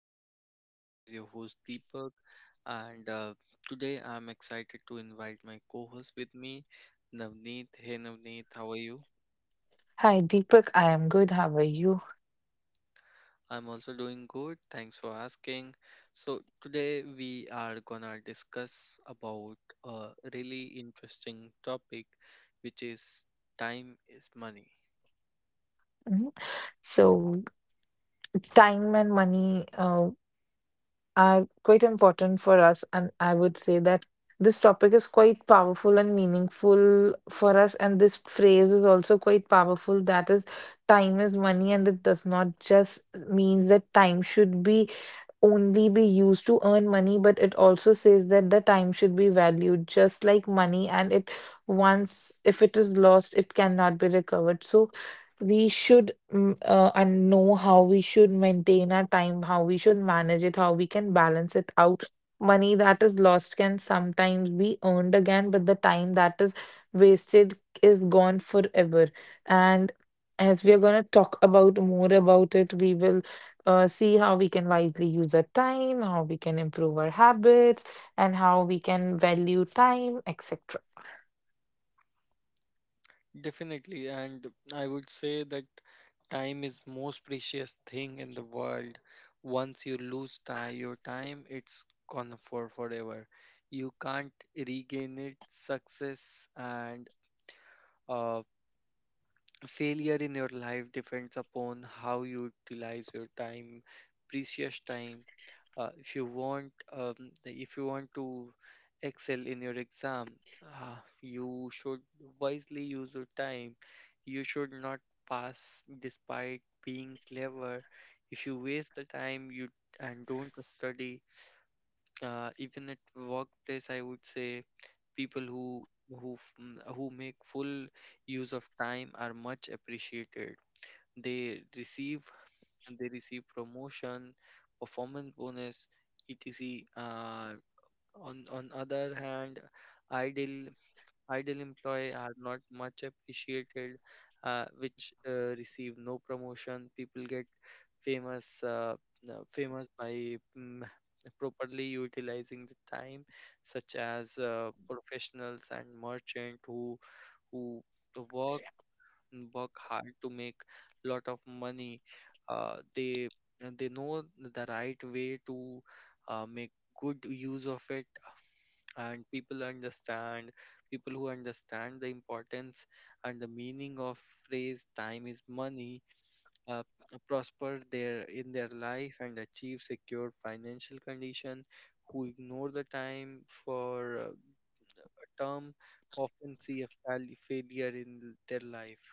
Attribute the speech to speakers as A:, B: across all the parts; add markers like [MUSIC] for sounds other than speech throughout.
A: Vibe with me. This is your host Deepak, and today I'm excited to invite my co-host with me, Navneet. Hey Navneet, how are you?
B: Hi, Deepak. I am good. How are you?
A: I'm also doing good. Thanks for asking. So today we are gonna discuss about a really interesting topic, which is time is money.
B: Mhm. So, time and money are quite important for us, and I would say that this topic is quite powerful and meaningful for us. And this phrase is also quite powerful. That is, time is money, and it does not just mean that time should be only be used to earn money, but it also says that the time should be valued just like money, and it once if it is lost, it cannot be recovered. So we should and know how we should maintain our time, how we should manage it, how we can balance it out. Money that is lost can sometimes be earned again, but the time that is wasted is gone forever. And as we are going to talk about more about it, we will see how we can wisely use our time, how we can improve our habits, and how we can value time, etc.
A: Definitely, and I would say that time is most precious thing in the world. Once you lose time, your time, it's gone for forever. You can't regain it. Success and uh, failure in your life depends upon how you utilize your time, precious time. If you want if you want to excel in your exam. You should wisely use your time. You should not pass despite being clever if you waste the time you and don't study. Even at workplace, I would say people who make full use of time are much appreciated. they receive they receive promotion, performance bonus, etc. On other hand, idle idle employee are not much appreciated, which receive no promotion. People get famous by properly utilizing the time, such as professionals and merchant who work work hard to make lot of money. uh, they they know the right way to make good use of it. And people who understand the importance and the meaning of phrase time is money uh, prosper their in their life and achieve secure financial condition. Who ignore the time for a term often see a failure in their life.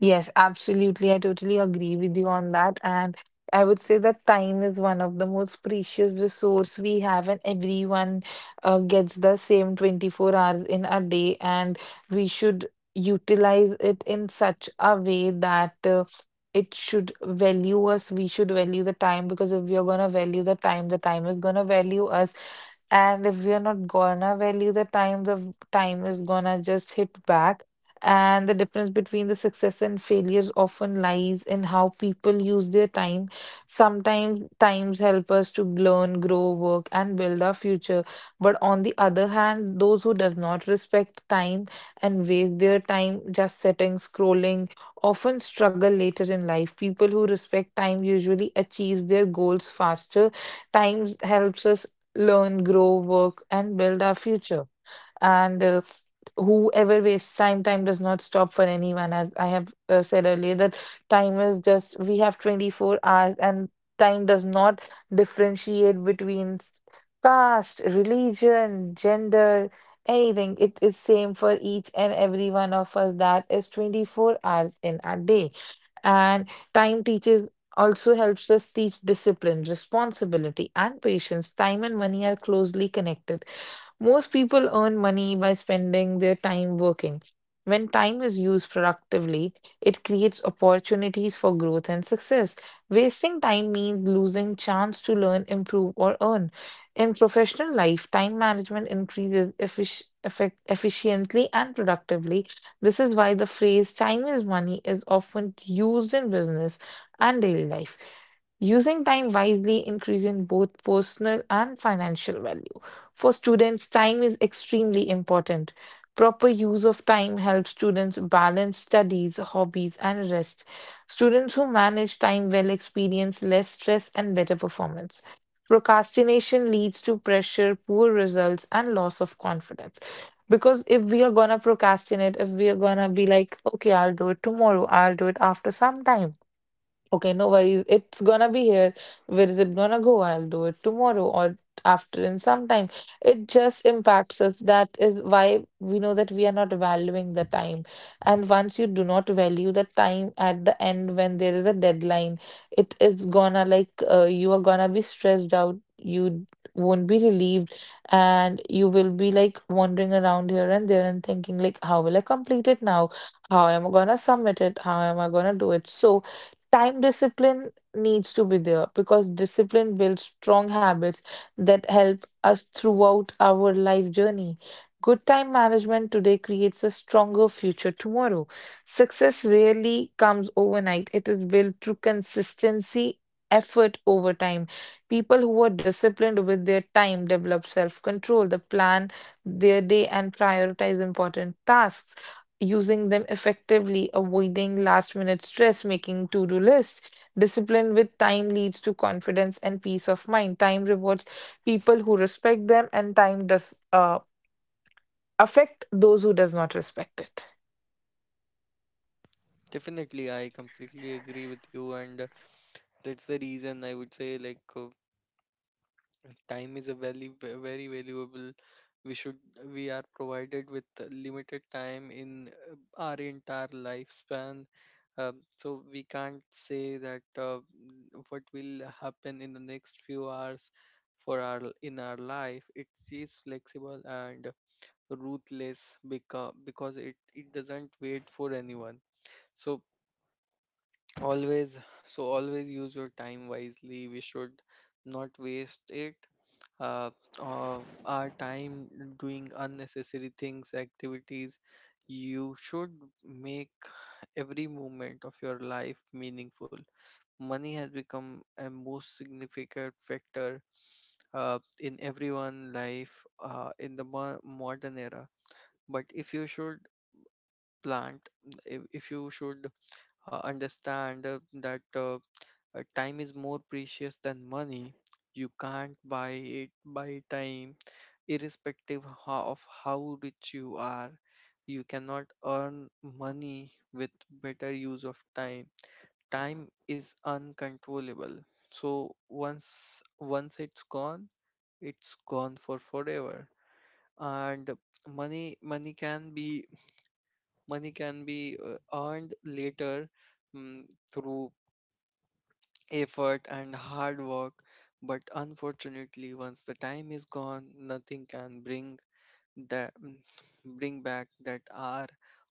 B: Yes, absolutely. I totally agree with you on that. And I would say that time is one of the most precious resource we have, and everyone gets the same 24 hours in a day. And we should utilize it in such a way that it should value us. We should value the time because if we are going to value the time is going to value us. And if we are not gonna value the time, time is gonna just hit back. And the difference between the success and failures often lies in how people use their time. Sometimes times help us to learn, grow, work, and build our future. But on the other hand, those who does not respect time and waste their time just sitting, scrolling, often struggle later in life. People who respect time usually achieve their goals faster. Time helps us learn, grow, work, and build our future, and whoever wastes time does not stop for anyone. As I have said earlier, that time is, just we have 24 hours, and time does not differentiate between caste, religion, gender, anything. It is same for each and every one of us, that is 24 hours in a day. And time teaches, also helps us teach discipline, responsibility, and patience. Time and money are closely connected. Most people earn money by spending their time working. When time is used productively, it creates opportunities for growth and success. Wasting time means losing chance to learn, improve, or earn. In professional life, time management increases efficiently and productively. This is why the phrase time is money is often used in business and daily life. Using time wisely increases both personal and financial wealth. For students, time is extremely important. Proper use of time helps students balance studies, hobbies, and rest. Students who manage time well experience less stress and better performance. Procrastination leads to pressure, poor results, and loss of confidence. Because if we are gonna procrastinate, if we are gonna be like, okay, I'll do it tomorrow, I'll do it after some time. Okay, no worries. It's gonna be here. Where is it gonna go? I'll do it tomorrow or after in some time. It just impacts us. That is why we know that we are not valuing the time. And once you do not value the time, at the end when there is a deadline, it is gonna, like, you are gonna be stressed out. You won't be relieved, and you will be like wandering around here and there and thinking, like, how will I complete it now? How am I gonna submit it? How am I gonna do it? So time discipline needs to be there, because discipline builds strong habits that help us throughout our life journey. Good time management today creates a stronger future tomorrow. Success rarely comes overnight, it is built through consistency, effort over time. People who are disciplined with their time develop self control, they plan their day, and prioritize important tasks using them effectively, avoiding last minute stress, making to do lists. Discipline with time leads to confidence and peace of mind. Time rewards people who respect them, and time does affect those who does not respect it.
A: Definitely, I completely agree with you, and that's the reason I would say, like, time is a very, very valuable. We should we are provided with limited time in our entire lifespan, so we can't say that what will happen in the next few hours for our in our life. It is flexible and ruthless, because it doesn't wait for anyone. So, Always, always use your time wisely. We should not waste it. Uh, uh, our time doing unnecessary things, activities. You should make every moment of your life meaningful. Money has become a most significant factor in everyone's life in the modern era. But plant, if you should understand that. Time is more precious than money. You can't buy time, irrespective of how rich you are. You cannot earn money with better use of time. Time is uncontrollable. So once it's gone for forever. And money money can be money can be earned later, mm, through effort and hard work, but unfortunately, once the time is gone, nothing can bring that [SNIFFS] bring back that hour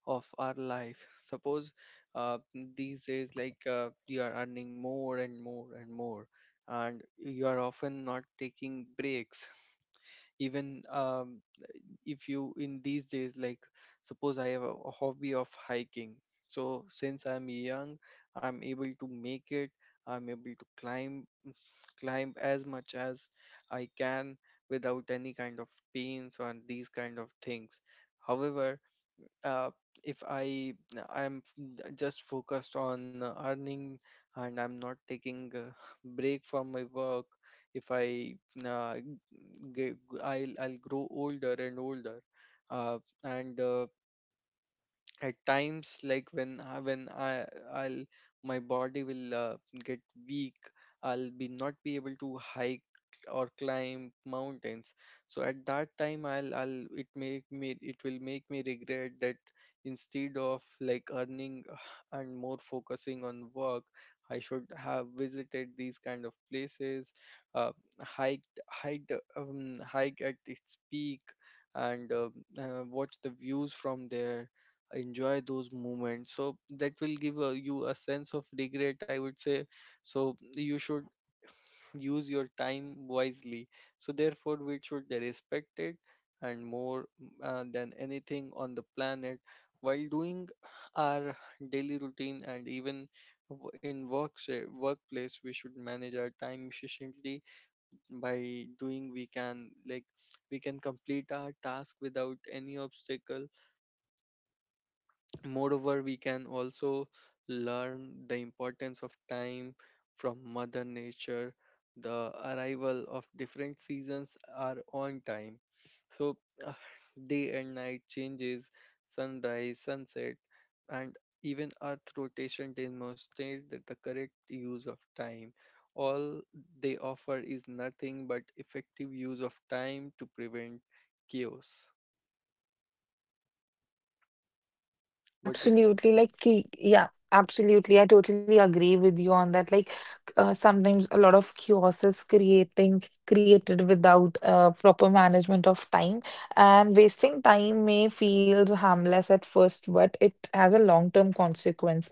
A: of our life. Suppose uh, these days, like, you are earning more and more and more, and you are often not taking breaks. Even, if you in these days, like suppose I have a hobby of hiking. So since I'm young, I'm able to make it I'm able to climb as much as I can without any kind of pains or these kind of things. However, uh, if I I'm just focused on earning and I'm not taking a [LAUGHS] break from my work. If I g- g- I'll grow older and older, and at times like when I I'll my body will get weak. I'll be not be able to hike or climb mountains. So at that time, I'll it make me it will make me regret that instead of like earning [SIGHS] and more focusing on work, I should have visited these kind of places, uh, hiked hiked hike at its peak, and watch the views from there, enjoy those moments. So that will give you a sense of regret, I would say. So you should use your time wisely. So therefore we should respect it, and more than anything on the planet, while doing our daily routine. And even in work, say workplace, we should manage our time efficiently. By doing, we can complete our task without any obstacle. Moreover, we can also learn the importance of time from Mother Nature. The arrival of different seasons are on time. So, uh, Day and night changes, sunrise, sunset, and even Earth rotation demonstrate that the correct use of time. All they offer is nothing but effective use of time to prevent chaos.
B: Yeah,
A: What do
B: absolutely. Like, yeah, absolutely. I totally agree with you on that. Like, sometimes a lot of chaos is creating created without proper management of time, and wasting time may feels harmless at first, but it has a long-term consequence.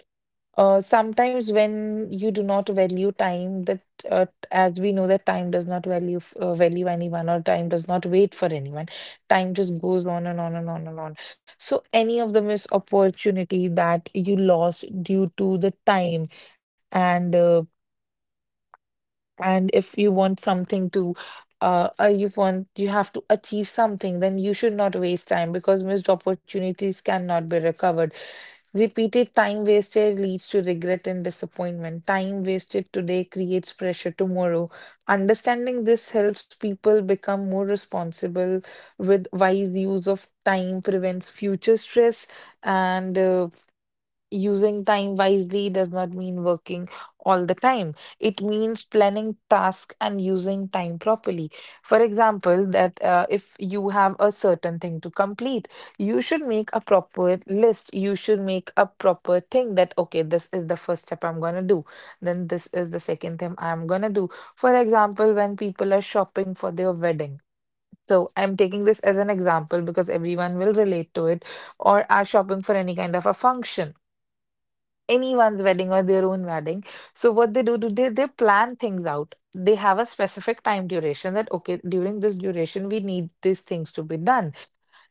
B: Sometimes when you do not value time, that uh, as we know that time does not value anyone, or time does not wait for anyone. Time just goes on and on and on and on. So any of the missed opportunity that you lost due to the time, and uh, and if you want something to. You want, you have to achieve something, then you should not waste time because missed opportunities cannot be recovered. Repeated time wasted leads to regret and disappointment. Time wasted today creates pressure tomorrow. Understanding this helps people become more responsible. With wise use of time, prevents future stress, and using time wisely does not mean working all the time. It means planning tasks and using time properly. For example, that if you have a certain thing to complete, you should make a proper list. You should make a proper thing that, okay, this is the first step I'm going to do. Then this is the second thing I'm going to do. For example, when people are shopping for their wedding. So I'm taking this as an example because everyone will relate to it, or are shopping for any kind of a function, anyone's wedding or their own wedding. So what they do, they plan things out. They have a specific time duration that okay, during this duration we need these things to be done.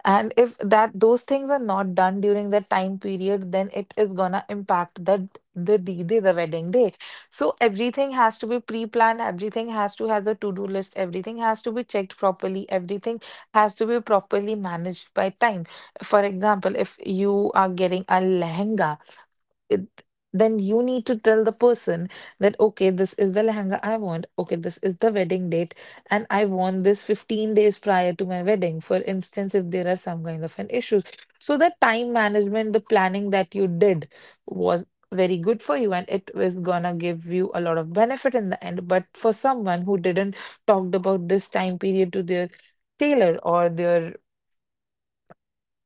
B: And if that those things are not done during that time period, then it is gonna impact the D day, the wedding day. So everything has to be pre-planned, everything has to have a to-do list, everything has to be checked properly, everything has to be properly managed by time. For example, if you are getting a lehenga, it, then you need to tell the person that okay, this is the lehenga I want, okay, this is the wedding date, and I want this 15 days prior to my wedding. For instance, if there are some kind of an issues, so the time management, the planning that you did was very good for you, and it was gonna give you a lot of benefit in the end. But for someone who didn't talked about this time period to their tailor or their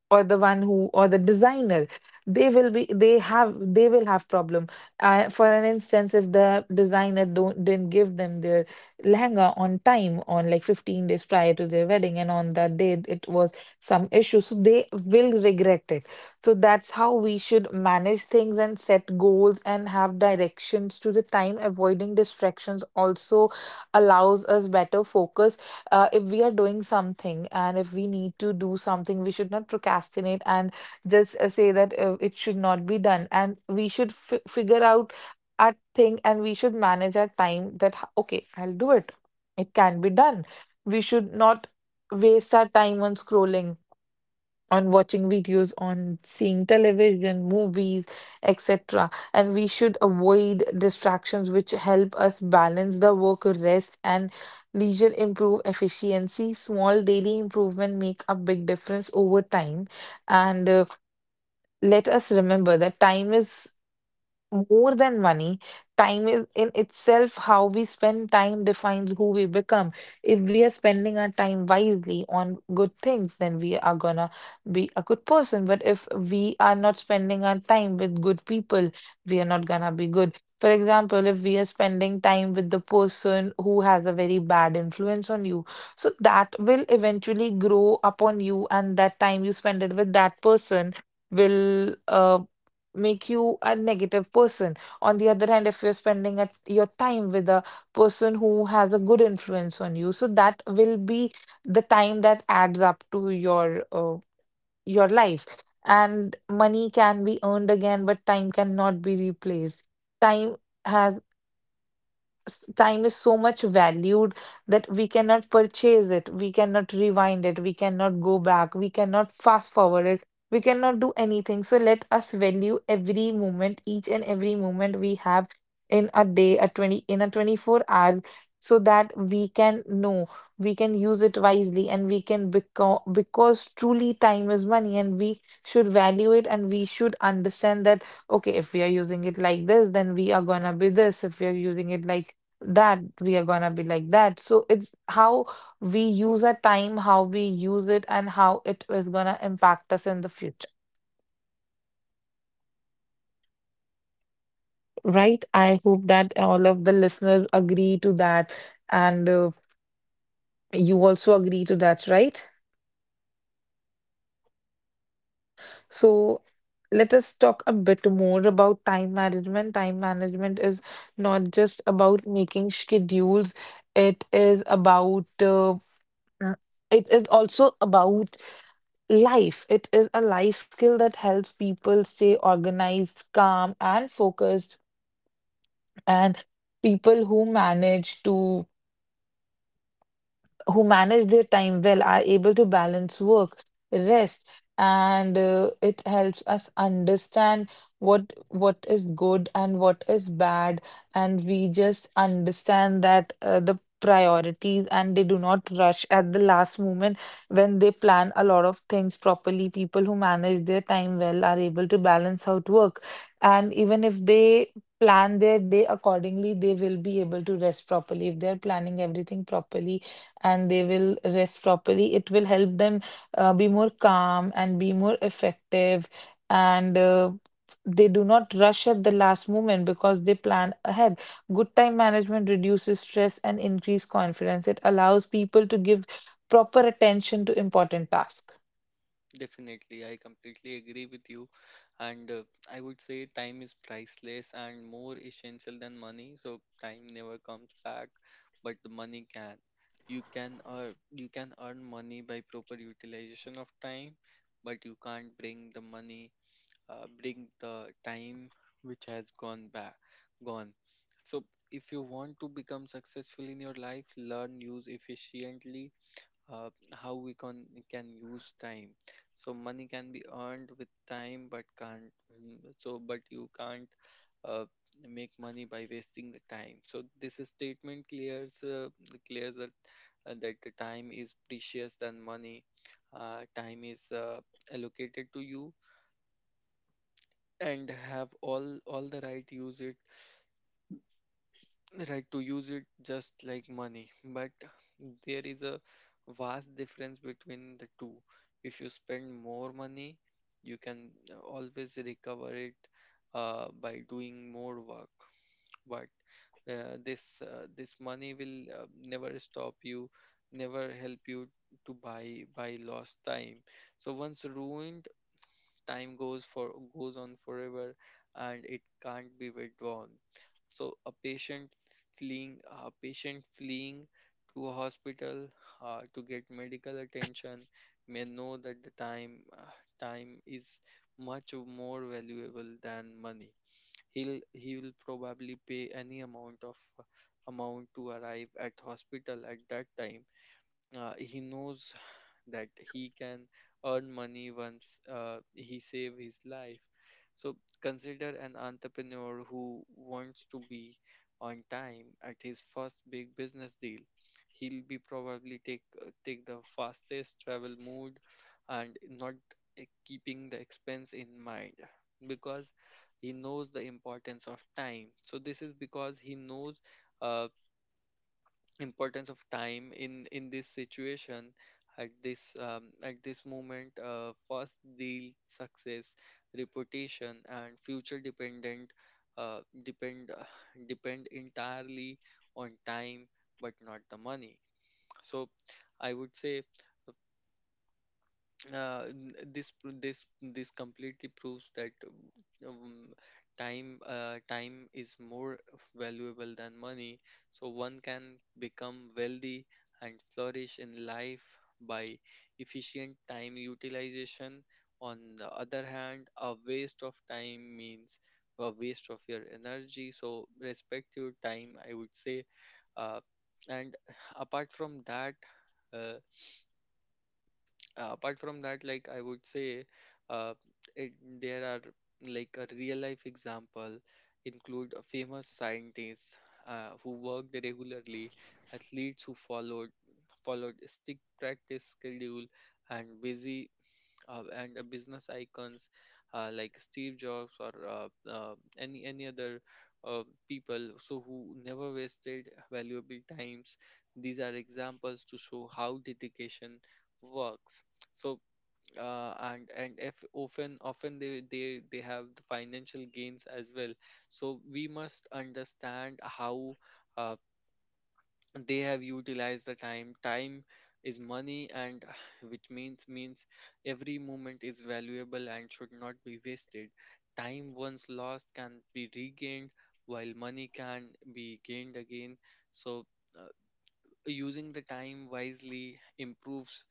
B: or the one who or the designer, they will have problem. For an instance, if the designer don't didn't give them their lehenga on time, on like 15 days prior to their wedding, and on that day it was some issue, so they will regret it. So that's how we should manage things and set goals and have directions to the time. Avoiding distractions also allows us better focus. If we are doing something and if we need to do something, we should not procrastinate and just say that it should not be done. And we should figure out our thing and we should manage our time that, okay, I'll do it. It can be done. We should not waste our time on scrolling, on watching videos, on seeing television, movies, etc. And we should avoid distractions which help us balance the work, rest, and leisure, improve efficiency. Small daily improvement make a big difference over time. And let us remember that time is more than money, time is in itself, how we spend time defines who we become. If we are spending our time wisely on good things, then we are gonna be a good person. But if we are not spending our time with good people, we are not gonna be good. For example, if we are spending time with the person who has a very bad influence on you, so that will eventually grow upon you, and that time you spend it with that person will make you a negative person. On the other hand, if you're spending at your time with a person who has a good influence on you, so that will be the time that adds up to your life. And money can be earned again, but time cannot be replaced. Time has Time is so much valued that we cannot purchase it, we cannot rewind it, we cannot go back, we cannot fast forward it, we cannot do anything. So let us value every moment, each and every moment we have in a day, a 20 in a 24-hour hour, so that we can know, we can use it wisely, and we can become, because truly time is money, and we should value it and we should understand that, okay, if we are using it like this, then we are gonna be this. If we are using it like that, we are gonna be like that. So it's how we use our time, how we use it, and how it is gonna impact us in the future, right? I hope that all of the listeners agree to that, and you also agree to that, right? So let us talk a bit more about time management. Time management is not just about making schedules, it is about uh, it is also about life. It is a life skill that helps people stay organized, calm, and focused. And people who manage their time well are able to balance work, rest, and it helps us understand what is good and what is bad, and we just understand that the priorities, and they do not rush at the last moment when they plan a lot of things properly. People who manage their time well are able to balance out work, and even if they plan their day accordingly, they will be able to rest properly. If they're planning everything properly, and they will rest properly. It will help them be more calm and be more effective. And they do not rush at the last moment because they plan ahead. Good time management reduces stress and increase confidence. It allows people to give proper attention to important tasks.
A: Definitely, I completely agree with you. And I would say time is priceless and more essential than money. So time never comes back, but the money can. You can earn money by proper utilization of time, but you can't bring the time which has gone back, gone. So if you want to become successful in your life, learn use efficiently how we can use time. So money can be earned with time, but can't. So but you can't uh, make money by wasting the time. So this statement clears that the time is precious than money. Time is allocated to you and have all the right use it right to use it just like money. But there is a vast difference between the two. If you spend more money, you can always recover it by doing more work. But this money will never stop you, never help you to buy lost time. So once ruined, time goes on forever, and it can't be withdrawn. So a a patient fleeing to a hospital to get medical attention may know that the time is much more valuable than money. He will probably pay any amount to arrive at hospital at that time. He knows that he can earn money once he save his life. So consider an entrepreneur who wants to be on time at his first big business deal. He'll be probably take the fastest travel mode, and not keeping the expense in mind, because he knows the importance of time. So this is because he knows uh, importance of time in this situation, at this moment. First deal success, reputation, and future depend [SIGHS] depend entirely on time, but not the money. So I would say, n- this pr- this completely proves that um, time is more valuable than money. So one can become wealthy and flourish in life by efficient time utilization. On the other hand, a waste of time means a waste of your energy, so respect your time, I would say. uh, and [SIGHS] apart from that uh, apart from that, like I would say, uh, it, there are, like, a real life example include a famous scientists who worked regularly, athletes who followed strict practice schedule, and busy and business icons like Steve Jobs or any other uh, people, so who never wasted valuable times. These are examples to show how dedication works. So, and if often they have the financial gains as well. So we must understand how. Uh, they have utilized the time is money, and [SIGHS] which means every moment is valuable and should not be wasted. Time once lost can be regained, while money can be gained again. So, uh, using the time wisely improves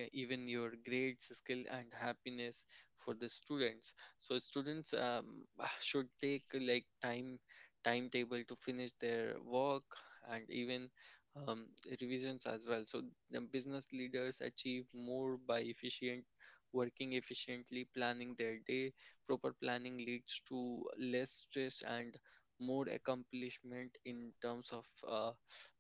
A: even your grades, skill, and happiness for the students. So students, [SIGHS] should take, like, timetable to finish their work, and even, um, revisions as well. So the business leaders achieve more by efficient working efficiently, planning their day. Proper planning leads to less stress and more accomplishment in terms of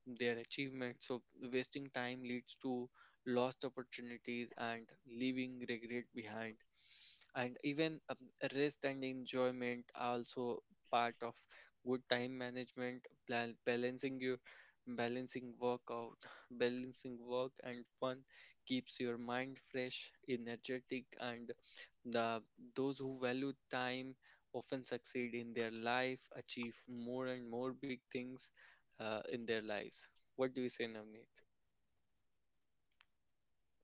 A: their achievements. So, wasting time leads to lost opportunities and leaving regret behind. And even, rest and enjoyment are also part of good time management, balancing your balancing workout [SIGHS] [LAUGHS] balancing work and fun keeps your mind fresh, energetic, and the those who value time often succeed in their life, achieve more and more big things in their lives. What do you say, Navneet?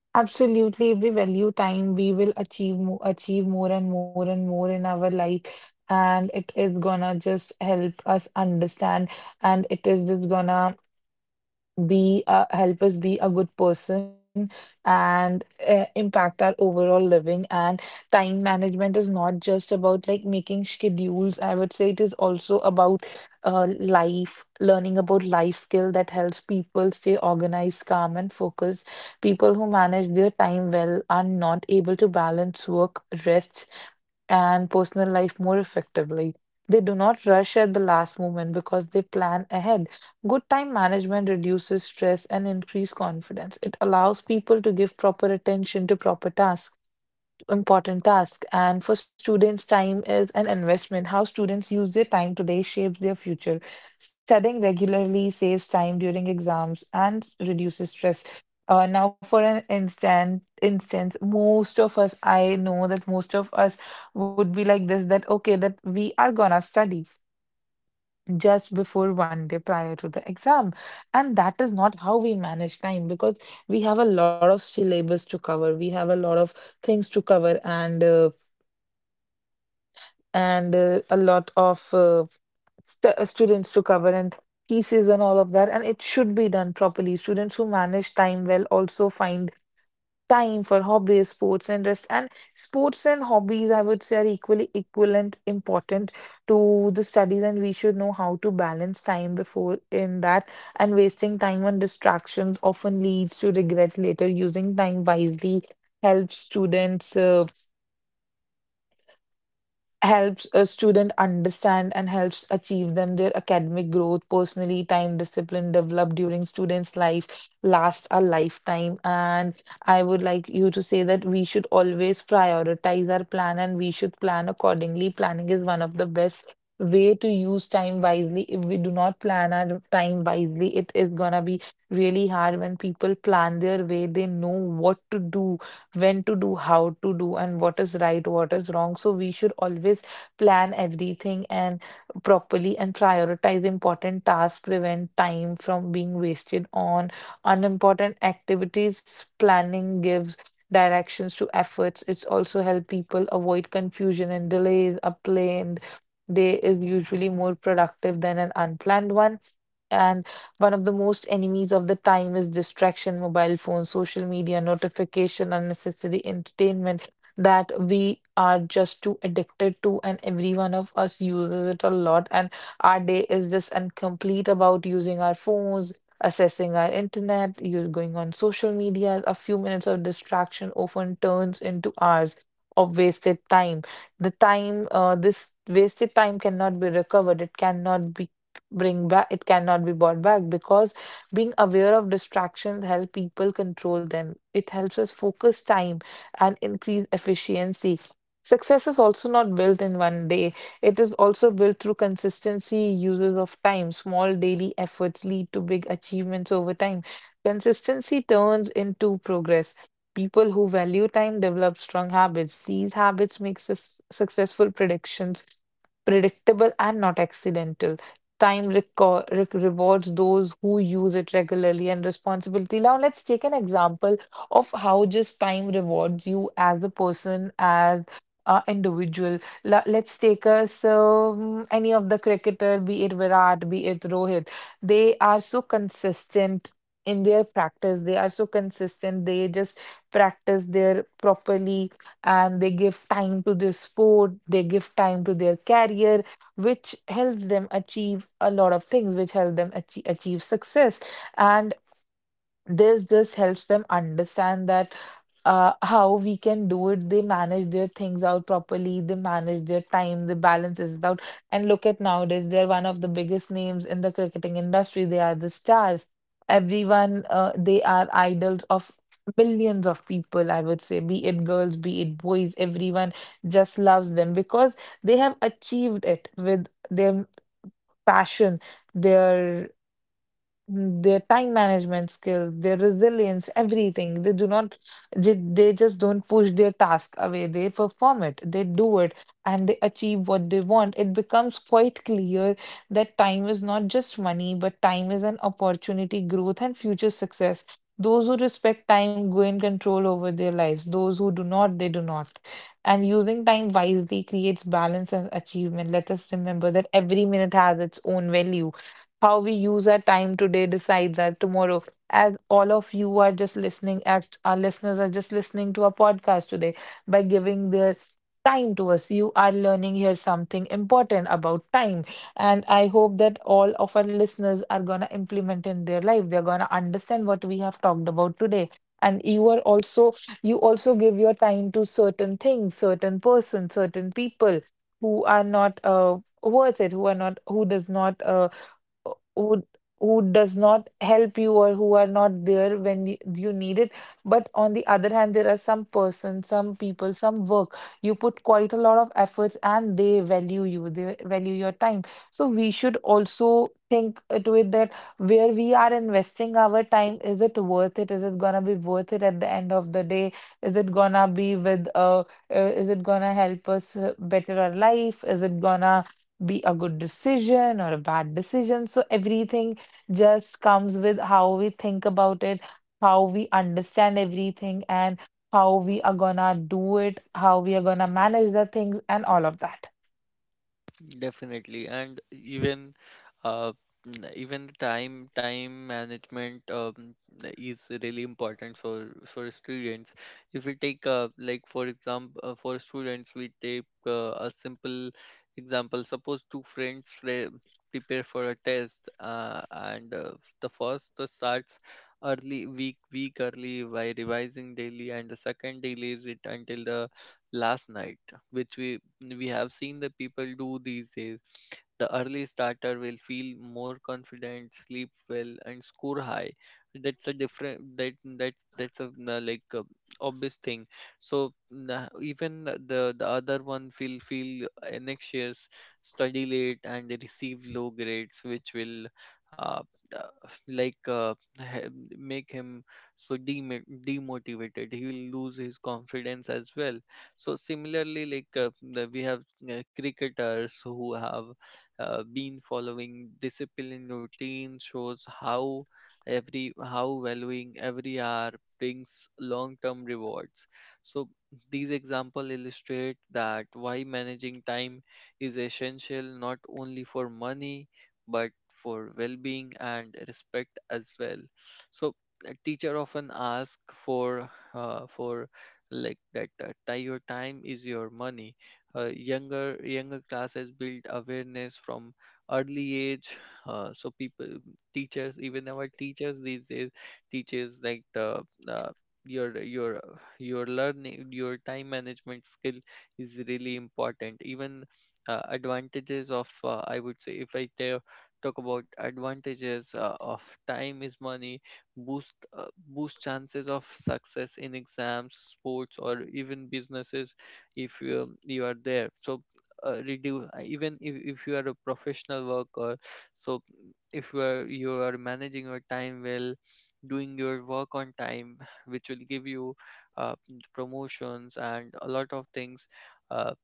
B: Absolutely, if we value time, we will achieve more and more and more in our life, and it is gonna just help us understand, and it is just gonna be help us be a good person, and impact our overall living. And time management is not just about like making schedules, I would say it is also about life, learning about life skill that helps people stay organized, calm, and focused. People who manage their time well are not able to balance work, rest, and personal life more effectively. They do not rush at the last moment because they plan ahead. Good time management reduces stress and increases confidence. It allows people to give proper attention to to important tasks. And for students, time is an investment. How students use their time today shapes their future. Studying regularly saves time during exams and reduces stress. Now, for instance, most of us, I know that most of us would be like this, that, okay, that we are gonna study just before one day prior to the exam. And that is not how we manage time, because we have a lot of syllabus to cover, we have a lot of things to cover, and a lot of students to cover, and thesis and all of that. And it should be done properly. Students who manage time well also find time for hobbies, sports and rest. And sports and hobbies, I would say, are equally equivalent important to the studies, and we should know how to balance time before in that. And wasting time on distractions often leads to regret later. Using time wisely helps students. Helps a student understand, and helps achieve them their academic growth personally. Time discipline developed during students life lasts a lifetime, and I would like you to say that we should always prioritize our plan, and we should plan accordingly. Planning is one of the best way to use time wisely. If we do not plan our time wisely, it is gonna be really hard. When people plan their way, they know what to do, when to do, how to do, and what is right, what is wrong. So we should always plan everything, and properly, and prioritize important tasks, prevent time from being wasted on unimportant activities. Planning gives directions to efforts. It's also help people avoid confusion and delays. A planned day is usually more productive than an unplanned one. And one of the most enemies of the time is distraction, mobile phones, social media, notification, unnecessary entertainment that we are just too addicted to, and every one of us uses it a lot. And our day is just incomplete about using our phones, accessing our internet, use going on social media. A few minutes of distraction often turns into hours of wasted time. The time This wasted time cannot be recovered, it cannot be brought back, because being aware of distractions help people control them. It helps us focus time and increase efficiency. Success is also not built in one day, it is also built through consistency uses of time. Small daily efforts lead to big achievements over time. Consistency turns into progress. People who value time develop strong habits. These habits make successful predictions predictable and not accidental. Time rewards those who use it regularly and responsibility. Now, let's take an example of how just time rewards you as a person, as an individual. Let's take us any of the cricketer, be it Virat, be it Rohit. They are so consistent in their practice. They are so consistent. They just practice their properly, and they give time to their sport. They give time to their career, which helps them achieve a lot of things, which help them achieve success. And this helps them understand that how we can do it. They manage their things out properly, they manage their time, they balance it out. And look at nowadays, they're one of the biggest names in the cricketing industry, they are the stars, everyone they are idols of millions of people, I would say, be it girls, be it boys, everyone just loves them, because they have achieved it with their passion, their their time management skills, their resilience, everything. They do not, they just don't push their task away. They perform it, they do it, and they achieve what they want. It becomes quite clear that time is not just money, but time is an opportunity, growth, and future success. Those who respect time gain control over their lives. Those who do not, they do not. And using time wisely creates balance and achievement. Let us remember that every minute has its own value. How we use our time today decides our tomorrow. As all of you are just listening, as our listeners are just listening to our podcast today, by giving their time to us, you are learning here something important about time. And I hope that all of our listeners are going to implement in their life. They're going to understand what we have talked about today. And you are also, you also give your time to certain things, certain person, certain people who are not worth it, who who does not help you, or who are not there when you need it. But on the other hand, there are some persons, some people, some work. You put quite a lot of efforts, and they value you, they value your time. So we should also think to it that, where we are investing our time, is it worth it? Is it gonna be worth it at the end of the day? Is it gonna be with uh, uh is it gonna help us, better our life? Is it gonna be a good decision or a bad decision? So everything just comes with how we think about it, how we understand everything, and how we are gonna do it, how we are gonna manage the things, and all of that.
A: Definitely, and uh, even the time management, is really important for students. If we take like for example for students, we take a simple example. Suppose two friends prepare for a test, and the first starts early, week early, by revising daily, and the second delays it until the last night, which we have seen the people do these days. The early starter will feel more confident, sleep well, and score high. That's a different that That's a, like, obvious thing. So nah, even the other one will feel anxious, study late, and they receive low grades, which will uh, like, he- make him so demotivated. He will lose his confidence as well. So similarly, like, we have cricketers who have been following discipline routine, shows how every how valuing every hour brings long-term rewards. So these examples illustrate that why managing time is essential, not only for money but for well-being and respect as well. So a teacher often ask for, like that, your time is your money. Younger classes build awareness from early age. People teachers, even our teachers these days teaches like the uh, your your your time management skill is really important. Even advantages of I would say, if I tell talk about advantages of time is money, boost chances of success in exams, sports, or even businesses. If you, you are there. So reduce, even if you are a professional worker, so if you are managing your time well, doing your work on time, which will give you uh, promotions and a lot of things. Uh,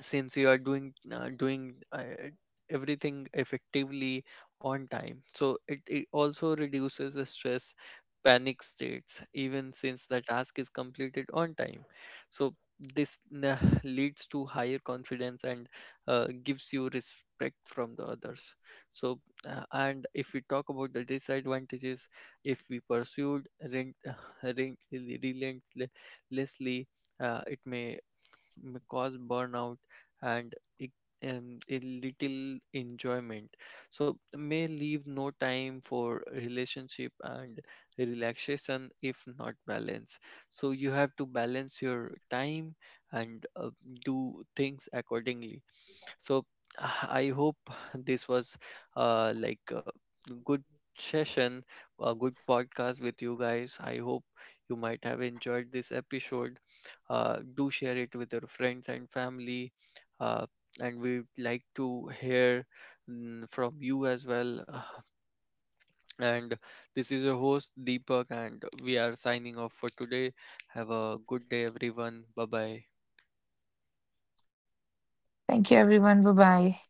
A: since you are doing everything effectively on time, so it also reduces the stress, panic states, even since the task is completed on time. So this [SIGHS] leads to higher confidence and gives you respect from the others. So and if we talk about the disadvantages, if we pursued rent, [SIGHS] relentlessly, it may cause burnout, and it, a little enjoyment. So may leave no time for relationship and relaxation if not balanced. So you have to balance your time, and do things accordingly. So [SIGHS] I hope this was, like, a good session a good podcast with you guys. I hope you might have enjoyed this episode. Do share it with your friends and family, uh, and we'd like to hear, from you as well. [SIGHS] And this is your host Deepak, and we are signing off for today. Have a good day, everyone. Bye bye.
B: Thank you, everyone. Bye bye.